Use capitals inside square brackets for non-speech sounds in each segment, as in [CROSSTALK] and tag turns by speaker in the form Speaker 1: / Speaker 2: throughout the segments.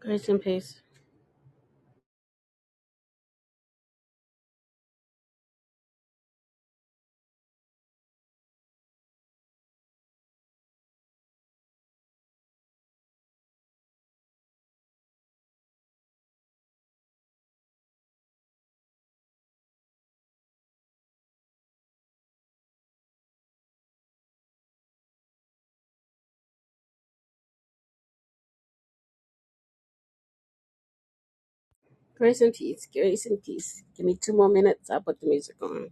Speaker 1: Grace and peace. Grace and peace. Grace and peace. Give me two more minutes. I'll put the music on.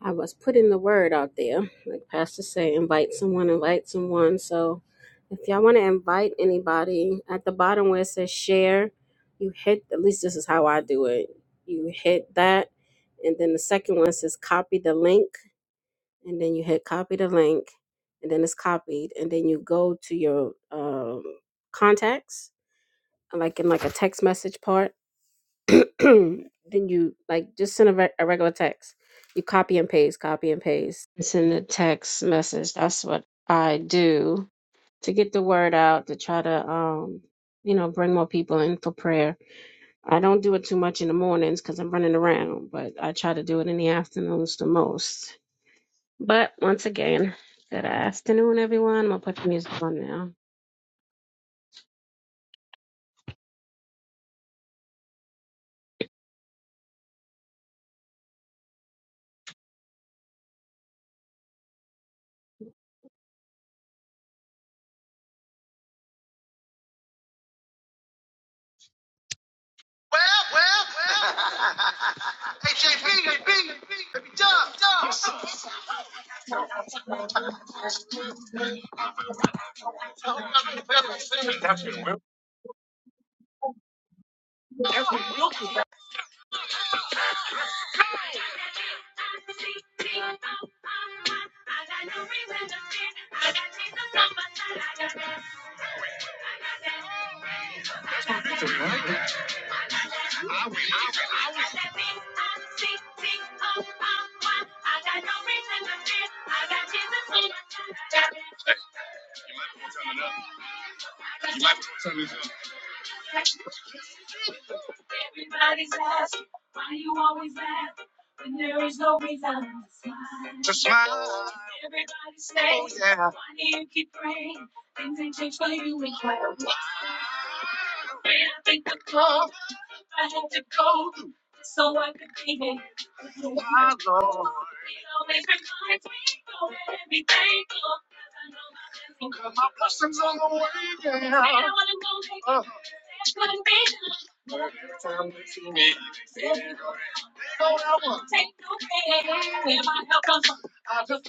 Speaker 1: I was putting the word out there. Like Pastor say, invite someone, invite someone. So if y'all want to invite anybody, at the bottom where it says share, you hit, at least this is how I do it. You hit that. And then the second one says copy the link. And then you hit copy the link. And then it's copied. And then you go to your um, contacts, like in like a text message part [CLEARS THROAT] then you like just send a, re- a regular text. You copy and paste, copy and paste, and send a text message. That's what I do to get the word out to try to um you know bring more people in for prayer. I don't do it too much in the mornings because I'm running around, but I try to do it in the afternoons the most. But once again, good afternoon, everyone. I'm gonna put the music on now. Well, well, well. [LAUGHS] hey, JP, JP, let me jump, jump. That's your will. Yeah. Blessings on the way, yeah. Uh, go that one. I just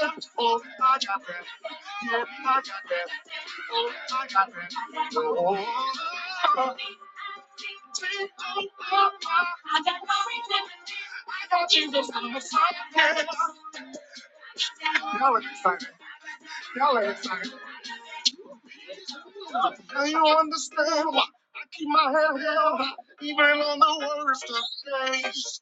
Speaker 1: left. Oh, I got that. Yeah, I got that. I got that. Oh, y'all are excited. Y'all are excited. Now you understand why I keep my head held high, even on the worst of days?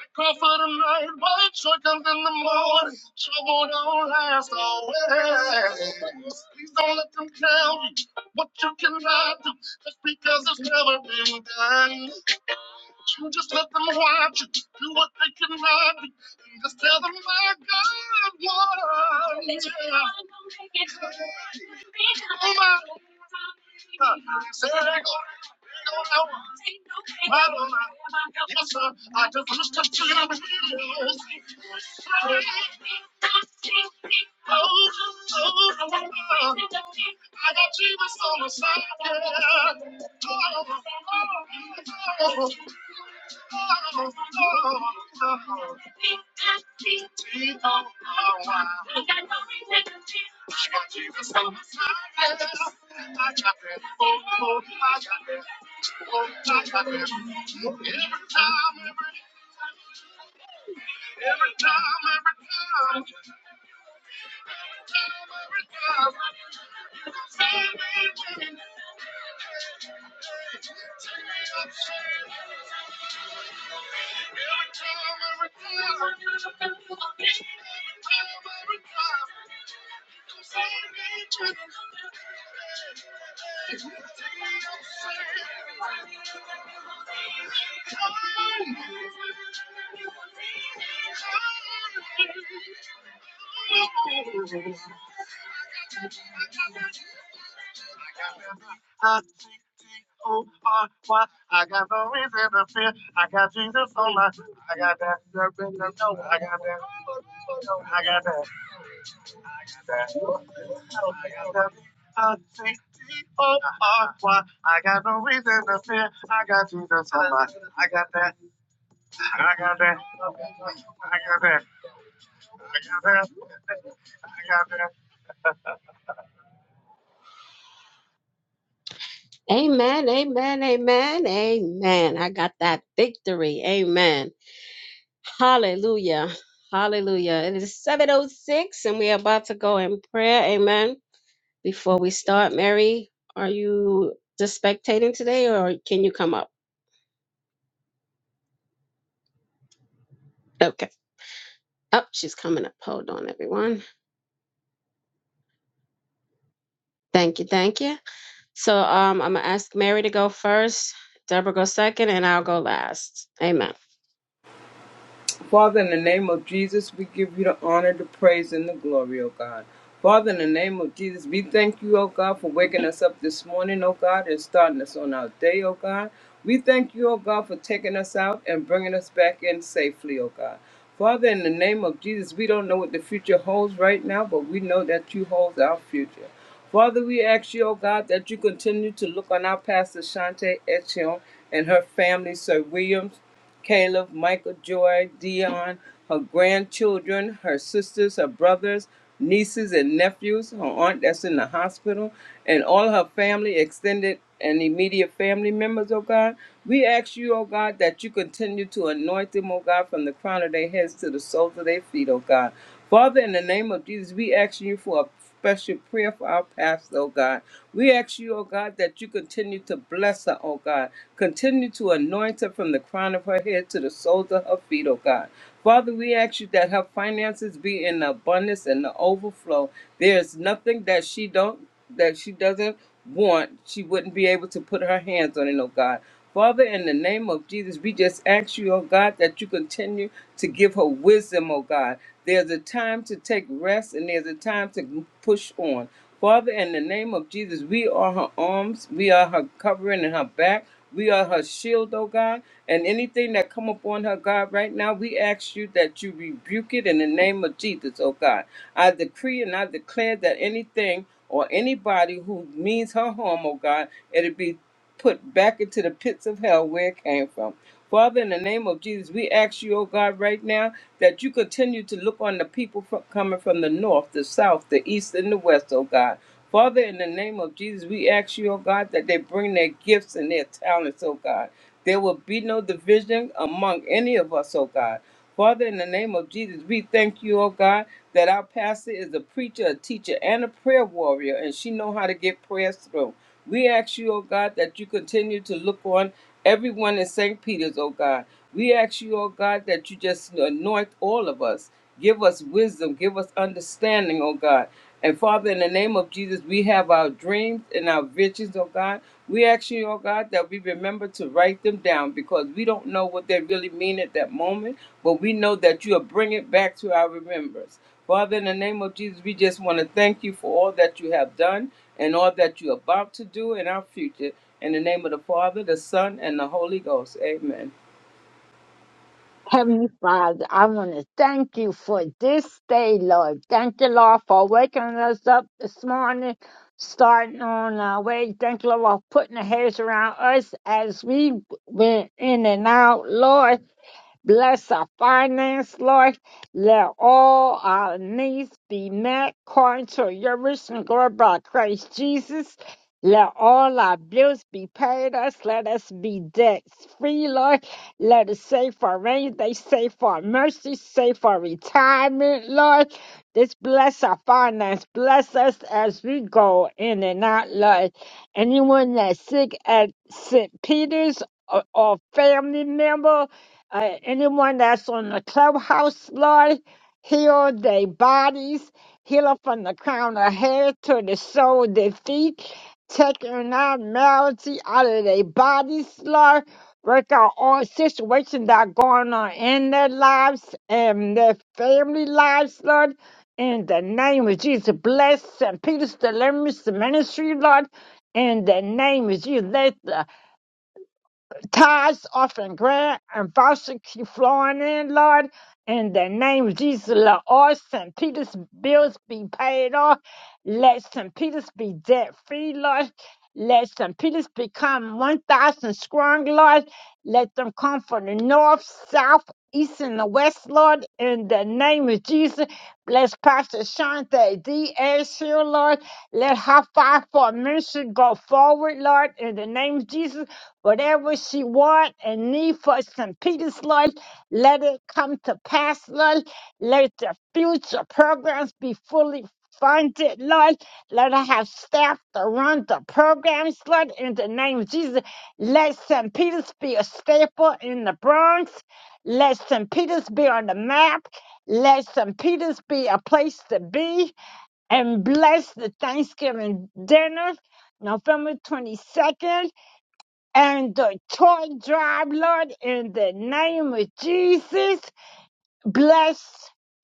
Speaker 1: I call for the night, but joy comes in the morning. Trouble don't last always. Please don't let them tell you what you cannot do, just because it's never been done. You just let them watch you do what they cannot do, and just tell them my God what. I I just wish that you knew. time, every time. I think Oh, why? I got no reason to fear. I got Jesus on my. I got that. I got that. I got that. I got that. I got no reason to fear. I got Jesus on my. I got that. I got that. I got that. I got that. I got that. Amen, amen, amen, amen. I got that victory. Amen. Hallelujah. Hallelujah. It is 706 and we are about to go in prayer. Amen. Before we start, Mary, are you just spectating today or can you come up? Okay. Up, she's coming up. Hold on, everyone. Thank you, thank you. So um, I'm gonna ask Mary to go first, Deborah go second, and I'll go last. Amen.
Speaker 2: Father, in the name of Jesus, we give you the honor, the praise, and the glory, O God. Father, in the name of Jesus, we thank you, O God, for waking us up this morning, O God, and starting us on our day, O God. We thank you, O God, for taking us out and bringing us back in safely, O God. Father, in the name of Jesus, we don't know what the future holds right now, but we know that you hold our future. Father, we ask you, O God, that you continue to look on our pastor Shante Etchion and her family, Sir Williams. Caleb, Michael, Joy, Dion, her grandchildren, her sisters, her brothers, nieces, and nephews, her aunt that's in the hospital, and all her family, extended and immediate family members, oh God. We ask you, oh God, that you continue to anoint them, oh God, from the crown of their heads to the soles of their feet, oh God. Father, in the name of Jesus, we ask you for a special prayer for our pastor, oh God. We ask you, oh God, that you continue to bless her, oh God. Continue to anoint her from the crown of her head to the soles of her feet, oh God. Father, we ask you that her finances be in abundance and the overflow. There is nothing that she don't that she doesn't want. She wouldn't be able to put her hands on it, oh God. Father, in the name of Jesus, we just ask you, oh God, that you continue to give her wisdom, oh God. There's a time to take rest and there's a time to push on. Father, in the name of Jesus, we are her arms, we are her covering and her back. We are her shield, oh God, and anything that come upon her, God, right now, we ask you that you rebuke it in the name of Jesus, oh God. I decree and I declare that anything or anybody who means her harm, oh God, it'll be put back into the pits of hell where it came from. Father, in the name of Jesus, we ask you, oh God, right now that you continue to look on the people fro- coming from the north, the south, the east, and the west, oh God. Father, in the name of Jesus, we ask you, oh God, that they bring their gifts and their talents, oh God. There will be no division among any of us, oh God. Father, in the name of Jesus, we thank you, oh God, that our pastor is a preacher, a teacher, and a prayer warrior, and she know how to get prayers through. We ask you, O God, that you continue to look on everyone in St. Peter's, O God. We ask you, oh God, that you just anoint all of us. Give us wisdom, give us understanding, oh God. And Father, in the name of Jesus, we have our dreams and our visions, oh God. We ask you, oh God, that we remember to write them down because we don't know what they really mean at that moment, but we know that you will bring it back to our remembrance. Father, in the name of Jesus, we just want to thank you for all that you have done and all that you're about to do in our future. In the name of the Father, the Son, and the Holy Ghost. Amen.
Speaker 3: Heavenly Father, I want to thank you for this day, Lord. Thank you, Lord, for waking us up this morning, starting on our way. Thank you, Lord, for putting the heads around us as we went in and out, Lord. Bless our finance, Lord. Let all our needs be met according to your rich and glory by Christ Jesus. Let all our bills be paid us. Let us be debt free, Lord. Let us save for our rainy day, save for our mercy, save for our retirement, Lord. This bless our finance. Bless us as we go in and out, Lord. Anyone that's sick at St. Peter's or, or family member, uh, anyone that's on the clubhouse, Lord, heal their bodies, heal it from the crown of head to the sole of their feet, taking out malady out of their bodies, Lord. Work out all situations that are going on in their lives and their family lives, Lord. In the name of Jesus, bless St. Peter's Deliverance Ministry, Lord. In the name of Jesus, let the tithes, offering, grant, and voucher keep flowing in, Lord. In the name of Jesus, let all St. Peter's bills be paid off. Let St. Peter's be debt free, Lord. Let St. Peter's become 1,000 strong, Lord. Let them come from the north, south, east, and the west, Lord. In the name of Jesus, bless Pastor Shante D. here, Lord. Let her fight for ministry go forward, Lord. In the name of Jesus, whatever she want and need for St. Peter's Lord, let it come to pass, Lord. Let the future programs be fully funded, Lord. Let her have staff to run the programs, Lord. In the name of Jesus. Let St. Peter's be a staple in the Bronx. Let St. Peter's be on the map. Let St. Peter's be a place to be. And bless the Thanksgiving dinner, November 22nd, and the toy drive, Lord, in the name of Jesus. Bless.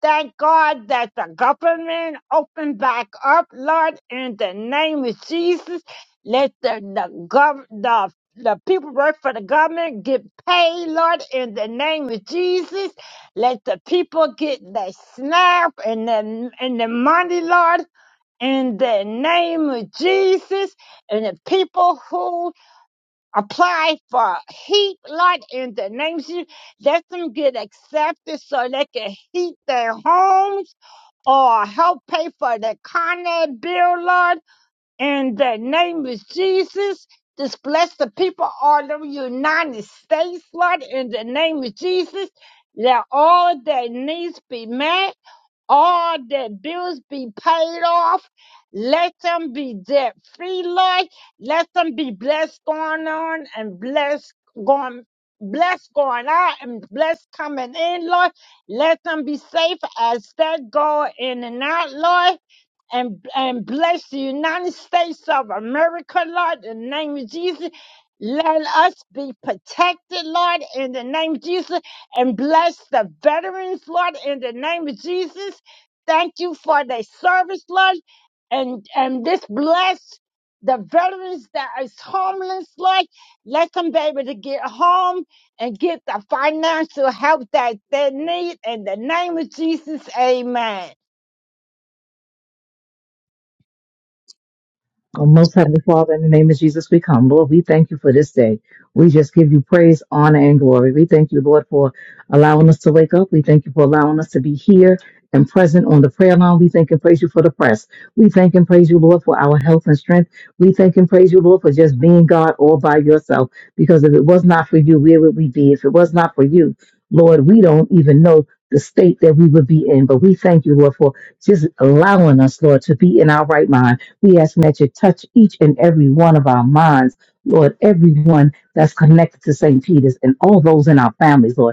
Speaker 3: Thank God that the government opened back up, Lord, in the name of Jesus. Let the the, gov- the the people work for the government get paid, Lord, in the name of Jesus. Let the people get the snap and the and the money, Lord, in the name of Jesus. And the people who apply for heat lot in the name of Jesus. Let them get accepted so they can heat their homes or help pay for the Con Ed bill, Lord. In the name of Jesus, just bless the people all over the United States, Lord. In the name of Jesus, let all their needs be met all their bills be paid off. Let them be debt free, Lord. Let them be blessed going on and blessed going. Blessed going out and blessed coming in, Lord. Let them be safe as they go in and out, Lord and, and bless the United States of America, Lord, in the name of Jesus. Let us be protected, Lord, in the name of Jesus, and bless the veterans, Lord, in the name of Jesus. Thank you for their service, Lord, and and this bless the veterans that is homeless, Lord. Let them be able to get home and get the financial help that they need. In the name of Jesus, Amen.
Speaker 4: Oh, most Heavenly Father, in the name of Jesus, we come. Lord, we thank you for this day. We just give you praise, honor, and glory. We thank you, Lord, for allowing us to wake up. We thank you for allowing us to be here and present on the prayer line. We thank and praise you for the press. We thank and praise you, Lord, for our health and strength. We thank and praise you, Lord, for just being God all by yourself. Because if it was not for you, where would we be? If it was not for you, Lord, we don't even know the state that we would be in. But we thank you, Lord, for just allowing us, Lord, to be in our right mind. We ask that you touch each and every one of our minds, Lord, everyone that's connected to St. Peter's and all those in our families, Lord.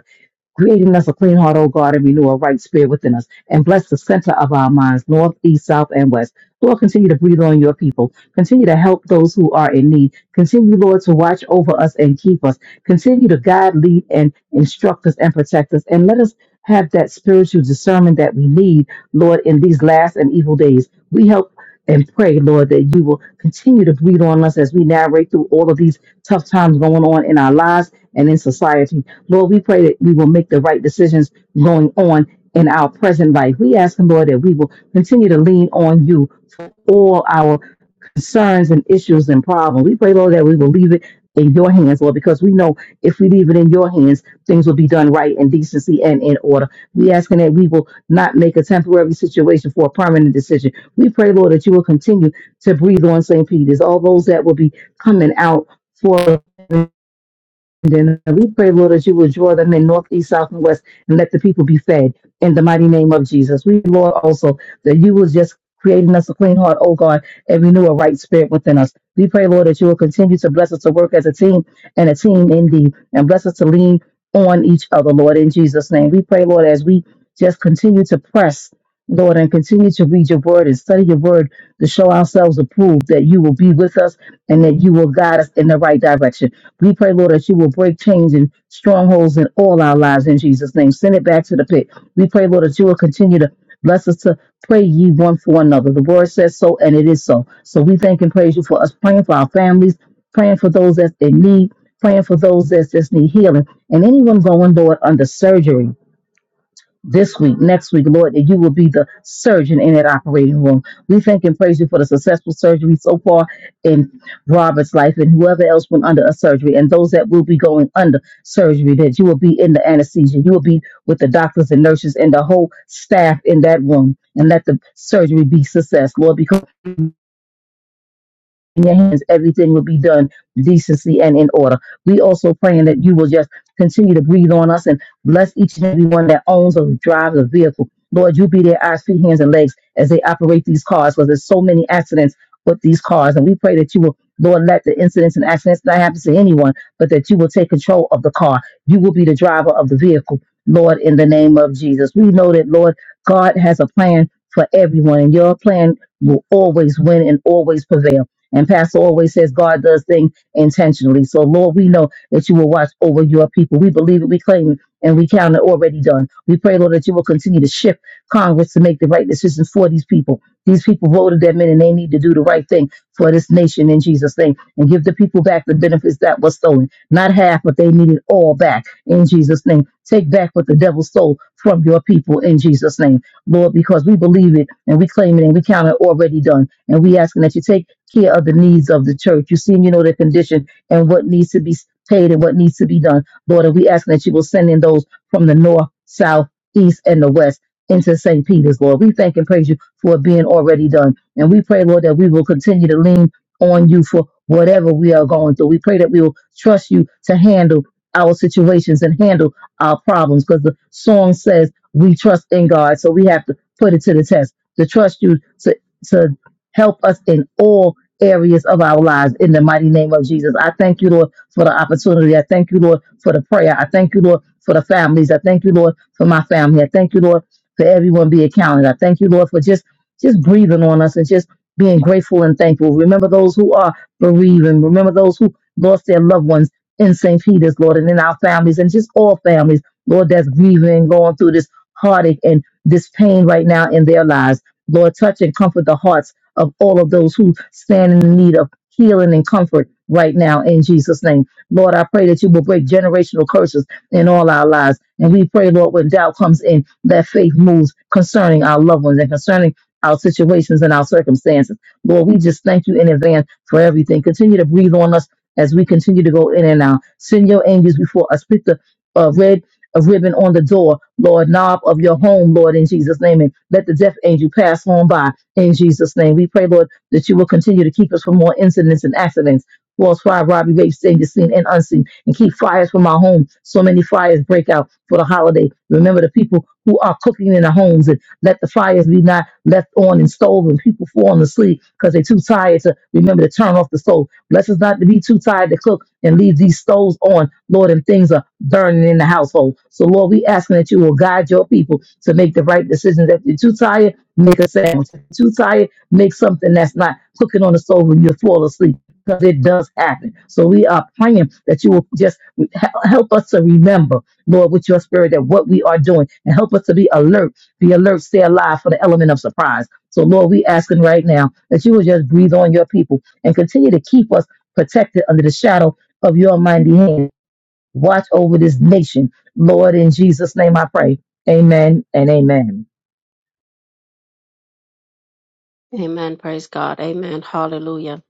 Speaker 4: Creating us a clean heart, O God, and renew a right spirit within us. And bless the center of our minds, north, east, south, and west. Lord, continue to breathe on your people. Continue to help those who are in need. Continue, Lord, to watch over us and keep us. Continue to guide, lead, and instruct us and protect us. And let us have that spiritual discernment that we need, Lord, in these last and evil days. We help and pray, Lord, that you will continue to breathe on us as we navigate through all of these tough times going on in our lives and in society. Lord, we pray that we will make the right decisions going on in our present life. We ask Him, Lord, that we will continue to lean on you for all our concerns and issues and problems. We pray, Lord, that we will leave it in your hands, Lord, because we know if we leave it in your hands, things will be done right in decency and in order. We asking that we will not make a temporary situation for a permanent decision. We pray, Lord, that you will continue to breathe on St. Peter's, all those that will be coming out for. And then we pray, Lord, that you will draw them in north, east, south, and west, and let the people be fed in the mighty name of Jesus. We, Lord, also that you will just creating us a clean heart, oh God, and renew a right spirit within us. We pray, Lord, that you will continue to bless us to work as a team and a team indeed, and bless us to lean on each other, Lord, in Jesus' name. We pray, Lord, as we just continue to press, Lord, and continue to read your word and study your word to show ourselves approved that you will be with us and that you will guide us in the right direction. We pray, Lord, that you will break chains and strongholds in all our lives in Jesus' name. Send it back to the pit. We pray, Lord, that you will continue to bless us to pray ye one for another. The word says so, and it is so. So we thank and praise you for us praying for our families, praying for those that's in need, praying for those that just need healing, and anyone going, Lord, under surgery this week, next week, Lord, that you will be the surgeon in that operating room. We thank and praise you for the successful surgery so far in Robert's life and whoever else went under a surgery and those that will be going under surgery, that you will be in the anesthesia. You will be with the doctors and nurses and the whole staff in that room and let the surgery be success, Lord, because in your hands, everything will be done decency and in order. We also praying that you will just continue to breathe on us and bless each and every one that owns or drives a vehicle. Lord, you be their eyes, feet, hands, and legs as they operate these cars because there's so many accidents with these cars. And we pray that you will, Lord, let the incidents and accidents not happen to anyone, but that you will take control of the car. You will be the driver of the vehicle, Lord, in the name of Jesus. We know that, Lord, God has a plan for everyone, and your plan will always win and always prevail. And Pastor always says God does things intentionally. So, Lord, we know that you will watch over your people. We believe it, we claim it, and we count it already done. We pray, Lord, that you will continue to shift Congress to make the right decisions for these people. These people voted them in, and they need to do the right thing for this nation in Jesus' name and give the people back the benefits that was stolen. Not half, but they need it all back in Jesus' name. Take back what the devil stole from your people in Jesus' name. Lord, because we believe it and we claim it and we count it already done. And we asking that you take care of the needs of the church. You see, and you know their condition and what needs to be paid and what needs to be done. Lord, and we ask that you will send in those from the north, south, east, and the west into St. Peter's, Lord. We thank and praise you for it being already done. And we pray, Lord, that we will continue to lean on you for whatever we are going through. We pray that we will trust you to handle our situations and handle our problems because the song says we trust in God. So we have to put it to the test to trust you to, to help us in all areas of our lives in the mighty name of Jesus. I thank you, Lord, for the opportunity. I thank you, Lord, for the prayer. I thank you, Lord, for the families. I thank you, Lord, for my family. I thank you, Lord, for everyone being counted. I thank you, Lord, for just just breathing on us and just being grateful and thankful. Remember those who are bereaving. Remember those who lost their loved ones in St. Peter's, Lord, and in our families and just all families, Lord, that's grieving, going through this heartache and this pain right now in their lives. Lord, touch and comfort the hearts of all of those who stand in the need of healing and comfort right now in Jesus' name. Lord, I pray that you will break generational curses in all our lives. And we pray, Lord, when doubt comes in, that faith moves concerning our loved ones and concerning our situations and our circumstances. Lord, we just thank you in advance for everything. Continue to breathe on us as we continue to go in and out. Send your angels before us. Put the uh, red a ribbon on the door, Lord, knob of your home, Lord, in Jesus' name. And let the death angel pass on by in Jesus' name, we pray, Lord, that you will continue to keep us from more incidents and accidents. False fire, robbery, rape, danger, seen and unseen, and keep fires from our home. So many fires break out for the holiday. Remember the people who are cooking in their homes and let the fires be not left on and stove and people falling asleep because they're too tired to remember to turn off the stove. Bless us not to be too tired to cook and leave these stoves on, Lord, and things are burning in the household. So, Lord, we asking that you will guide your people to make the right decisions. If you're too tired, make a sandwich. If you're too tired, make something that's not cooking on the stove when you fall asleep. Because it does happen. So we are praying that you will just he- help us to remember, Lord, with your spirit, that what we are doing and help us to be alert, be alert, stay alive for the element of surprise. So, Lord, we asking right now that you will just breathe on your people and continue to keep us protected under the shadow of your mighty hand. Watch over this nation. Lord, in Jesus' name I pray. Amen and amen.
Speaker 1: Amen. Praise God. Amen. Hallelujah.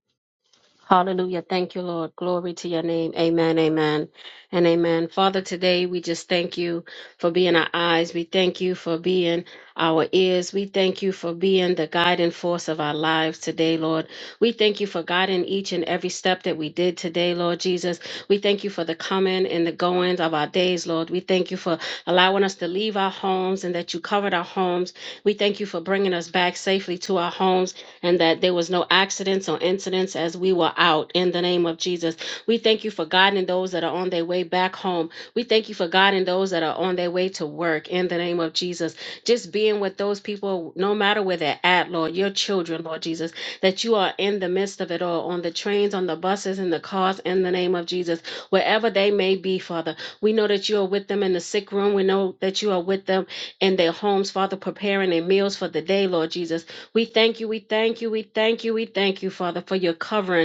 Speaker 1: Hallelujah. Thank you, Lord. Glory to your name. Amen. Amen. And amen. Father, today we just thank you for being our eyes. We thank you for being our ears. We thank you for being the guiding force of our lives today, Lord. We thank you for guiding each and every step that we did today, Lord Jesus. We thank you for the coming and the goings of our days, Lord. We thank you for allowing us to leave our homes and that you covered our homes. We thank you for bringing us back safely to our homes and that there was no accidents or incidents as we were out in in the name of Jesus. We thank you for guiding those that are on their way back home. We thank you for guiding those that are on their way to work in the name of Jesus. Just being with those people, no matter where they're at, Lord, your children, Lord Jesus, that you are in the midst of it all, on the trains, on the buses, in the cars, in the name of Jesus, wherever they may be, Father. We know that you are with them in the sick room. We know that you are with them in their homes, Father, preparing their meals for the day, Lord Jesus. We thank you, we thank you, we thank you, we thank you, Father, for your covering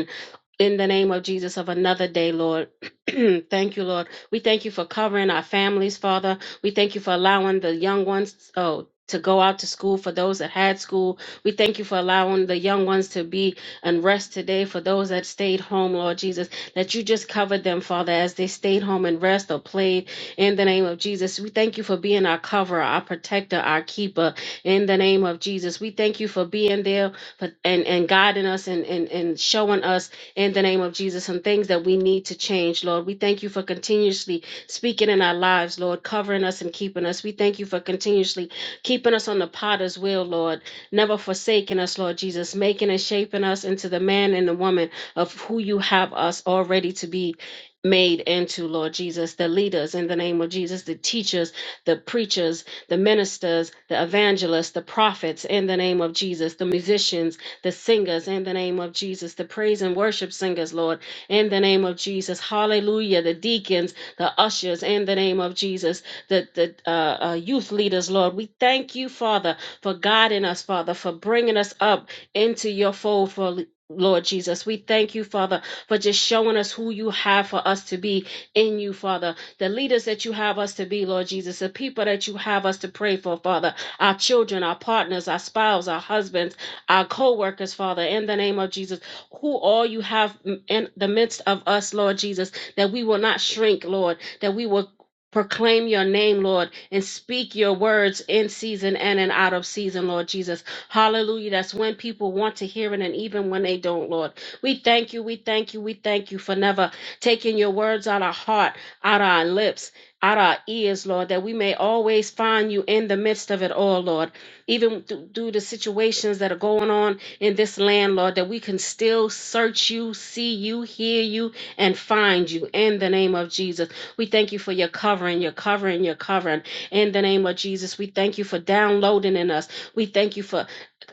Speaker 1: in the name of Jesus of another day, Lord. [CLEARS THROAT] thank you, Lord. We thank you for covering our families, Father. We thank you for allowing the young ones, oh, to go out to school for those that had school. We thank you for allowing the young ones to be and rest today for those that stayed home, Lord Jesus, that you just covered them, Father, as they stayed home and rest or played in the name of Jesus. We thank you for being our coverer, our protector, our keeper in the name of Jesus. We thank you for being there for, and, and guiding us and, and, and showing us in the name of Jesus, some things that we need to change, Lord. We thank you for continuously speaking in our lives, Lord, covering us and keeping us. We thank you for continuously keeping us on the potter's wheel, Lord, never forsaking us, Lord Jesus, making and shaping us into the man and the woman of who you have us already to be made into, Lord Jesus, the leaders in the name of Jesus, the teachers, the preachers, the ministers, the evangelists, the prophets in the name of Jesus, the musicians, the singers in the name of Jesus, the praise and worship singers, Lord, in the name of Jesus. Hallelujah. The deacons, the ushers in the name of Jesus, the, the uh, uh, youth leaders, Lord. We thank you, Father, for guiding us, Father, for bringing us up into your fold, for Lord Jesus, we thank you, Father, for just showing us who you have for us to be in you, Father. The leaders that you have us to be, Lord Jesus, the people that you have us to pray for, Father, our children, our partners, our spouses, our husbands, our co workers, Father, in the name of Jesus, who all you have in the midst of us, Lord Jesus, that we will not shrink, Lord, that we will. Proclaim your name, Lord, and speak your words in season and in out of season, Lord Jesus. Hallelujah. That's when people want to hear it and even when they don't, Lord. We thank you, we thank you, we thank you for never taking your words out of our heart, out of our lips, out of our ears, Lord, that we may always find you in the midst of it all, Lord even th- through the situations that are going on in this land, Lord, that we can still search you, see you, hear you, and find you in the name of Jesus. We thank you for your covering, your covering, your covering in the name of Jesus. We thank you for downloading in us. We thank you for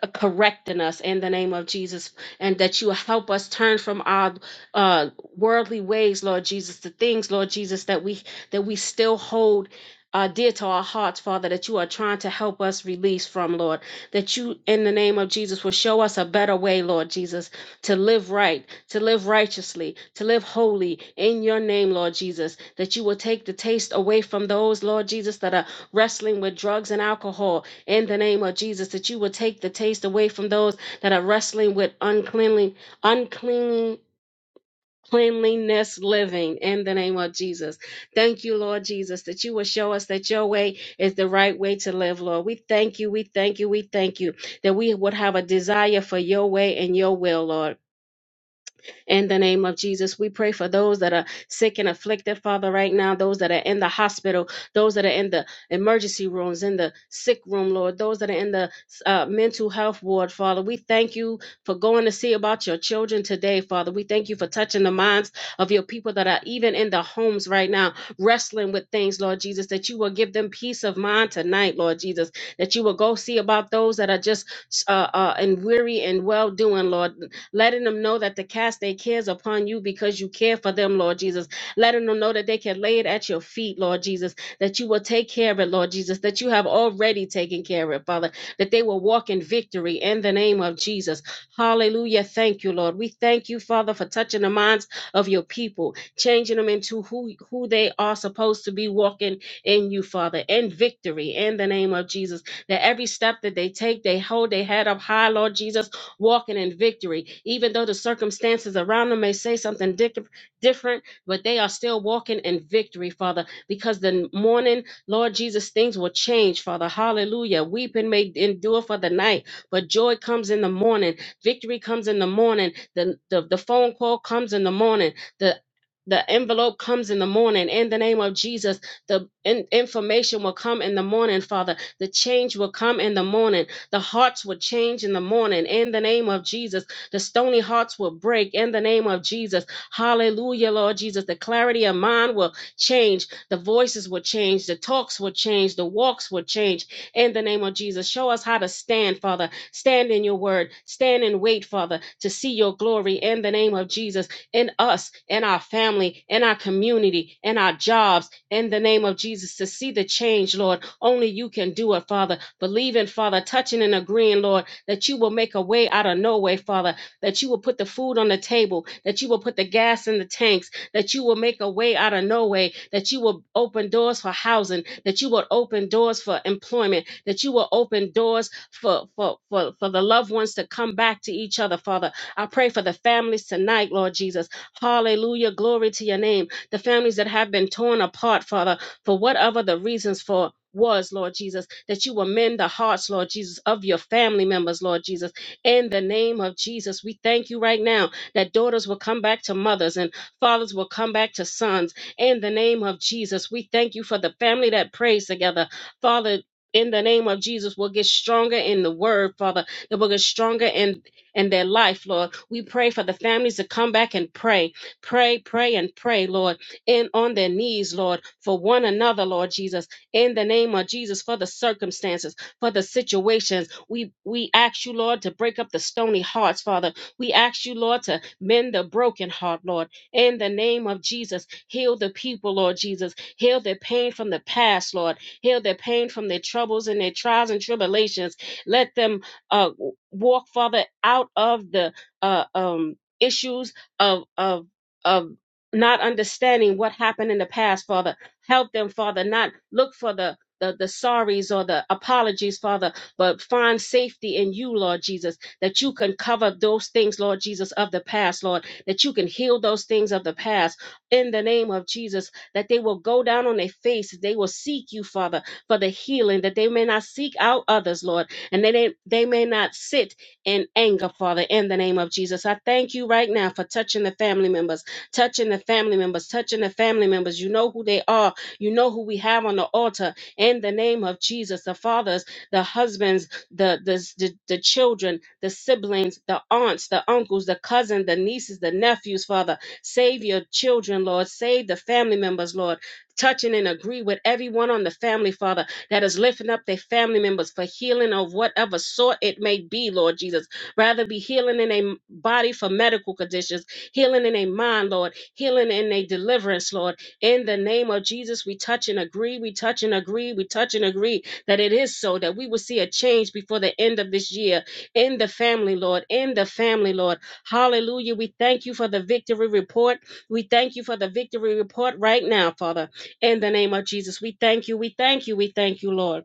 Speaker 1: uh, correcting us in the name of Jesus and that you help us turn from our uh worldly ways lord jesus the things lord jesus that we that we still hold uh, dear to our hearts, Father, that you are trying to help us release from, Lord. That you, in the name of Jesus, will show us a better way, Lord Jesus, to live right, to live righteously, to live holy in your name, Lord Jesus. That you will take the taste away from those, Lord Jesus, that are wrestling with drugs and alcohol in the name of Jesus. That you will take the taste away from those that are wrestling with uncleanly, unclean cleanliness living in the name of Jesus. Thank you, Lord Jesus, that you will show us that your way is the right way to live, Lord. We thank you, we thank you, we thank you that we would have a desire for your way and your will, Lord in the name of Jesus. We pray for those that are sick and afflicted, Father, right now, those that are in the hospital, those that are in the emergency rooms, in the sick room, Lord, those that are in the uh, mental health ward, Father. We thank you for going to see about your children today, Father. We thank you for touching the minds of your people that are even in the homes right now, wrestling with things, Lord Jesus, that you will give them peace of mind tonight, Lord Jesus, that you will go see about those that are just uh, uh, and weary and well doing, Lord, letting them know that to cast their cares upon you because you care for them, Lord Jesus. Letting them know that they can lay it at your feet, Lord Jesus, that you will take care of it, Lord Jesus, that you have already taken care of it, Father, that they will walk in victory in the name of Jesus. Hallelujah. Thank you, Lord. We thank you, Father, for touching the minds of your people, changing them into who, who they are supposed to be walking in you, Father, in victory in the name of Jesus. That every step that they take, they hold their head up high, Lord Jesus walking in victory. Even though the circumstances around them may say something dic- different, but they are still walking in victory, Father, because the morning, Lord Jesus, things will change, Father. Hallelujah. Weeping may endure for the night, but joy comes in the morning. Victory comes in the morning. The, the, the phone call comes in the morning. The the envelope comes in the morning in the name of Jesus. The in- information will come in the morning, Father. The change will come in the morning. The hearts would change in the morning in the name of Jesus. The stony hearts will break in the name of Jesus. Hallelujah, Lord Jesus. The clarity of mind will change. The voices will change. The talks will change. The walks will change in the name of Jesus. Show us how to stand, Father Stand in your word. Stand and wait, Father, to see your glory in the name of Jesus in us, in our family, in our community, in our jobs, in the name of Jesus, to see the change, Lord. Only you can do it, Father. Believing, Father, touching and agreeing, Lord, that you will make a way out of no way, Father, that you will put the food on the table, that you will put the gas in the tanks, that you will make a way out of no way, that you will open doors for housing, that you will open doors for employment, that you will open doors for, for, for, for the loved ones to come back to each other, Father. I pray for the families tonight, Lord Jesus. Hallelujah. Glory to your name. The families that have been torn apart, Father, for whatever the reasons for. Was Lord Jesus that you will mend the hearts, Lord Jesus, of your family members, Lord Jesus. In the name of Jesus, we thank you right now that daughters will come back to mothers and Fathers will come back to sons in the name of Jesus. We thank you for the family that prays together. Father, in the name of Jesus, will get stronger in the word, Father, that will get stronger in, in their life, Lord. We pray for the families to come back and pray, pray, pray, and pray, Lord, and on their knees, Lord, for one another, Lord Jesus, in the name of Jesus, for the circumstances, for the situations. We we ask you, Lord, to break up the stony hearts, Father. We ask you, Lord, to mend the broken heart, Lord in the name of Jesus. Heal the people, Lord Jesus. Heal their pain from the past, Lord. Heal their pain from their troubles and their trials and tribulations. Let them uh, walk, Father, out of the uh, um, issues of of of not understanding what happened in the past, Father. Help them, Father, not look for the the, the sorries or the apologies, Father, but find safety in you, Lord Jesus, that you can cover those things, Lord Jesus, of the past, Lord that you can heal those things of the past in the name of Jesus, that they will go down on their faces. They will seek you, Father, for the healing, that they may not seek out others, Lord, and that they, they may not sit in anger, Father, in the name of Jesus. I thank you right now for touching the family members, touching the family members, touching the family members. You know who they are. You know who we have on the altar in the name of Jesus, the fathers, the husbands, the the the, the children, the siblings, the aunts, the uncles, the cousins, the nieces, the nephews, Father. Save your children, Lord. Save the family members, Lord. Touching and agree with everyone on the family, Father, that is lifting up their family members for healing of whatever sort it may be, Lord Jesus. Rather be healing in a body for medical conditions, healing in a mind, Lord, healing in a deliverance, Lord. In the name of Jesus, we touch and agree, we touch and agree, we touch and agree that it is so, that we will see a change before the end of this year in the family, Lord, in the family, Lord. Hallelujah. We thank you for the victory report. We thank you for the victory report right now, Father, in the name of Jesus. We thank you. We thank you. We thank you, Lord.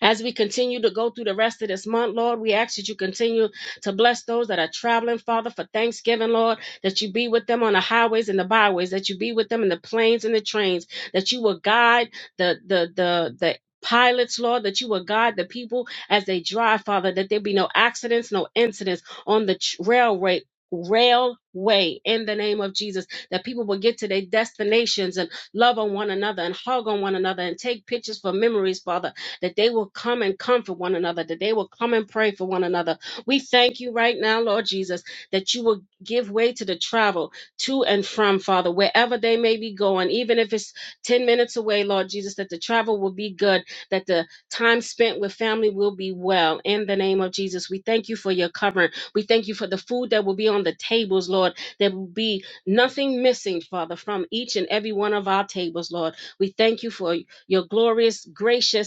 Speaker 1: As we continue to go through the rest of this month, Lord, we ask that you continue to bless those that are traveling, Father, for Thanksgiving, Lord, that you be with them on the highways and the byways, that you be with them in the planes and the trains, that you will guide the the the the pilots, Lord, that you will guide the people as they drive, Father, that there be no accidents, no incidents on the tr- railway. Railway in the name of Jesus, that people will get to their destinations and love on one another and hug on one another and take pictures for memories, Father that they will come and comfort one another, that they will come and pray for one another. We thank you right now, Lord Jesus, that you will give way to the travel to and from, Father, wherever they may be going, even if it's 10 minutes away, Lord Jesus, that the travel will be good, that the time spent with family will be well. In the name of Jesus, we thank you for your covering. We thank you for the food that will be on the tables, Lord. There will be nothing missing, Father, from each and every one of our tables, Lord. We thank you for your glorious, gracious,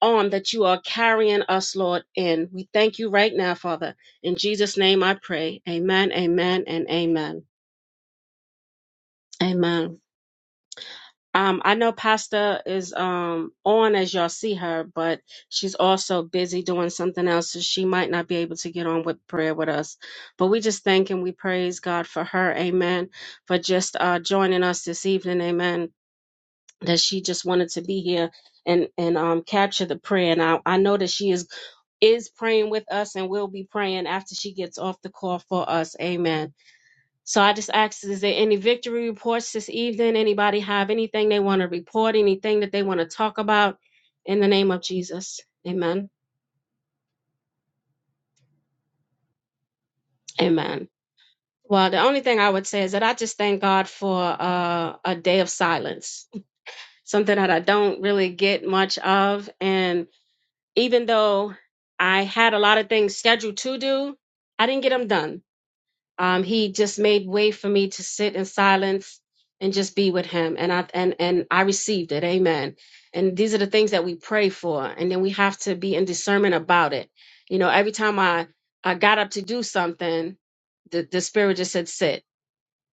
Speaker 1: on that you are carrying us, Lord, in. We thank you right now, Father. In Jesus' name I pray. Amen, amen, and amen. Amen. Um, I know Pastor is um on as y'all see her, but she's also busy doing something else, so she might not be able to get on with prayer with us. But we just thank and we praise God for her, amen, for just uh joining us this evening, amen. That she just wanted to be here and and um capture the prayer. And I, I know that she is. is praying with us and will be praying after she gets off the call for us. Amen. So I just ask: is there any victory reports this evening? Anybody have anything they want to report, anything that they want to talk about in the name of Jesus? Amen. Amen. Well, the only thing I would say is that I just thank God for uh, a day of silence, something that I don't really get much of. And even though I had a lot of things scheduled to do, I didn't get them done um, he just made way for me to sit in silence and just be with him and i and and i received it amen and these are the things that we pray for and then we have to be in discernment about it you know every time i i got up to do something the, the spirit just said sit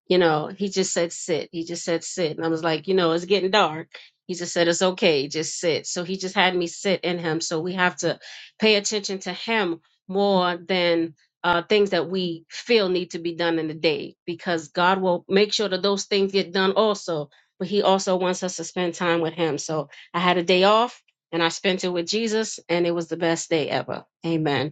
Speaker 1: you know, he just said sit. He just said sit. And I was like, you know, it's getting dark. He just said it's okay, just sit. So he just had me sit in him. So we have to pay attention to him more than uh, things that we feel need to be done in the day because God will make sure that those things get done also. But he also wants us to spend time with him. So I had a day off and I spent it with Jesus and it was the best day ever. Amen.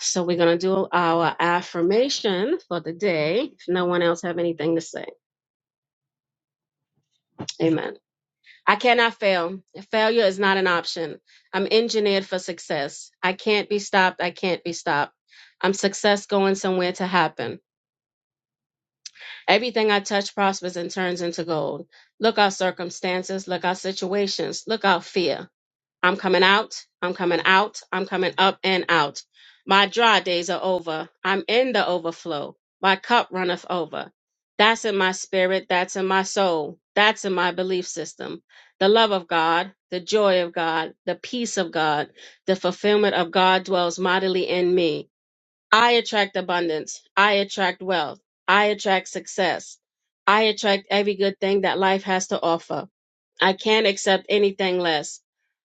Speaker 1: So we're going to do our affirmation for the day. If no one else have anything to say, amen. I cannot fail. Failure is not an option. I'm engineered for success. I can't be stopped. I can't be stopped. I'm success going somewhere to happen. Everything I touch prospers and turns into gold. Look out circumstances. Look out situations. Look out fear. I'm coming out. I'm coming out. I'm coming up and out. My dry days are over. I'm in the overflow. My cup runneth over. That's in my spirit. That's in my soul. That's in my belief system. The love of God, the joy of God, the peace of God, the fulfillment of God dwells mightily in me. I attract abundance. I attract wealth. I attract success. I attract every good thing that life has to offer. I can't accept anything less.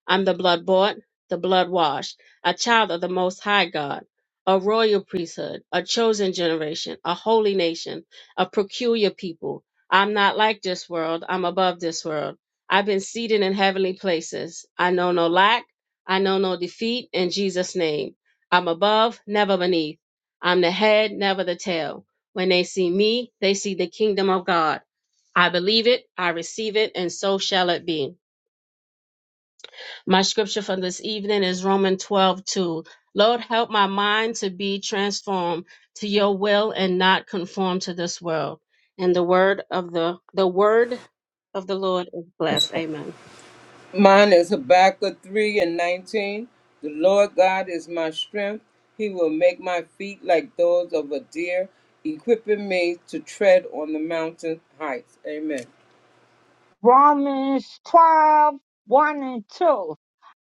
Speaker 1: I'm the blood bought, the blood washed, a child of the Most High God, a royal priesthood, a chosen generation, a holy nation, a peculiar people. I'm not like this world. I'm above this world. I've been seated in heavenly places. I know no lack. I know no defeat in Jesus' name. I'm above, never beneath. I'm the head, never the tail. When they see me, they see the kingdom of God. I believe it, I receive it, and so shall it be. My scripture for this evening is Romans 12 2. Lord, help my mind to be transformed to your will and not conform to this world. And the word of the the word of the Lord is blessed. Amen.
Speaker 2: Mine is Habakkuk 3 and 19. The Lord God is my strength. He will make my feet like those of a deer, equipping me to tread on the mountain heights. Amen.
Speaker 3: Romans twelve one and 2.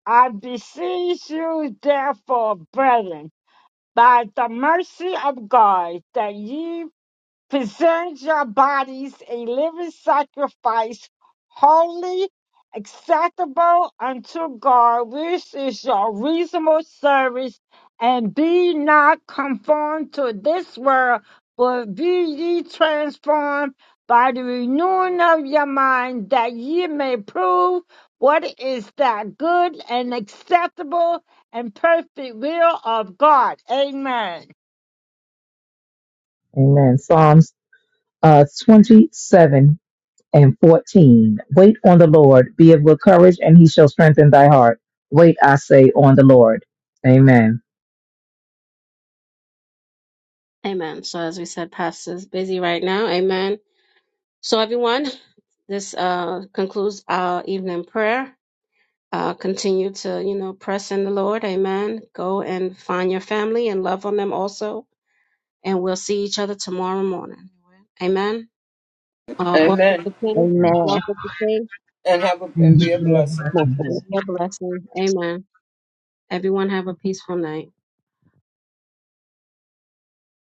Speaker 3: I beseech you, therefore, brethren, by the mercy of God, that ye present your bodies a living sacrifice, holy, acceptable unto God, which is your reasonable service, and be not conformed to this world, but be ye transformed by the renewing of your mind, that ye may prove what is that good and acceptable and perfect will of God. Amen.
Speaker 4: Amen. Psalms uh, 27 and 14. Wait on the Lord. Be of good courage, and he shall strengthen thy heart. Wait, I say, on the Lord. Amen.
Speaker 1: Amen. So as we said, Pastor's busy right now. Amen. So everyone, this uh concludes our evening prayer. Uh, continue to, you know, press in the Lord. Amen. Go and find your family and love on them also and we'll see each other tomorrow morning. Amen. Uh, walk with the
Speaker 2: Amen.
Speaker 1: King,
Speaker 4: Amen.
Speaker 1: walk
Speaker 3: Amen.
Speaker 1: with the King,
Speaker 2: And have a,
Speaker 4: And
Speaker 2: and be a
Speaker 4: share
Speaker 2: blessing.
Speaker 4: blessings.
Speaker 1: and be a blessing. Amen. Everyone have a peaceful night.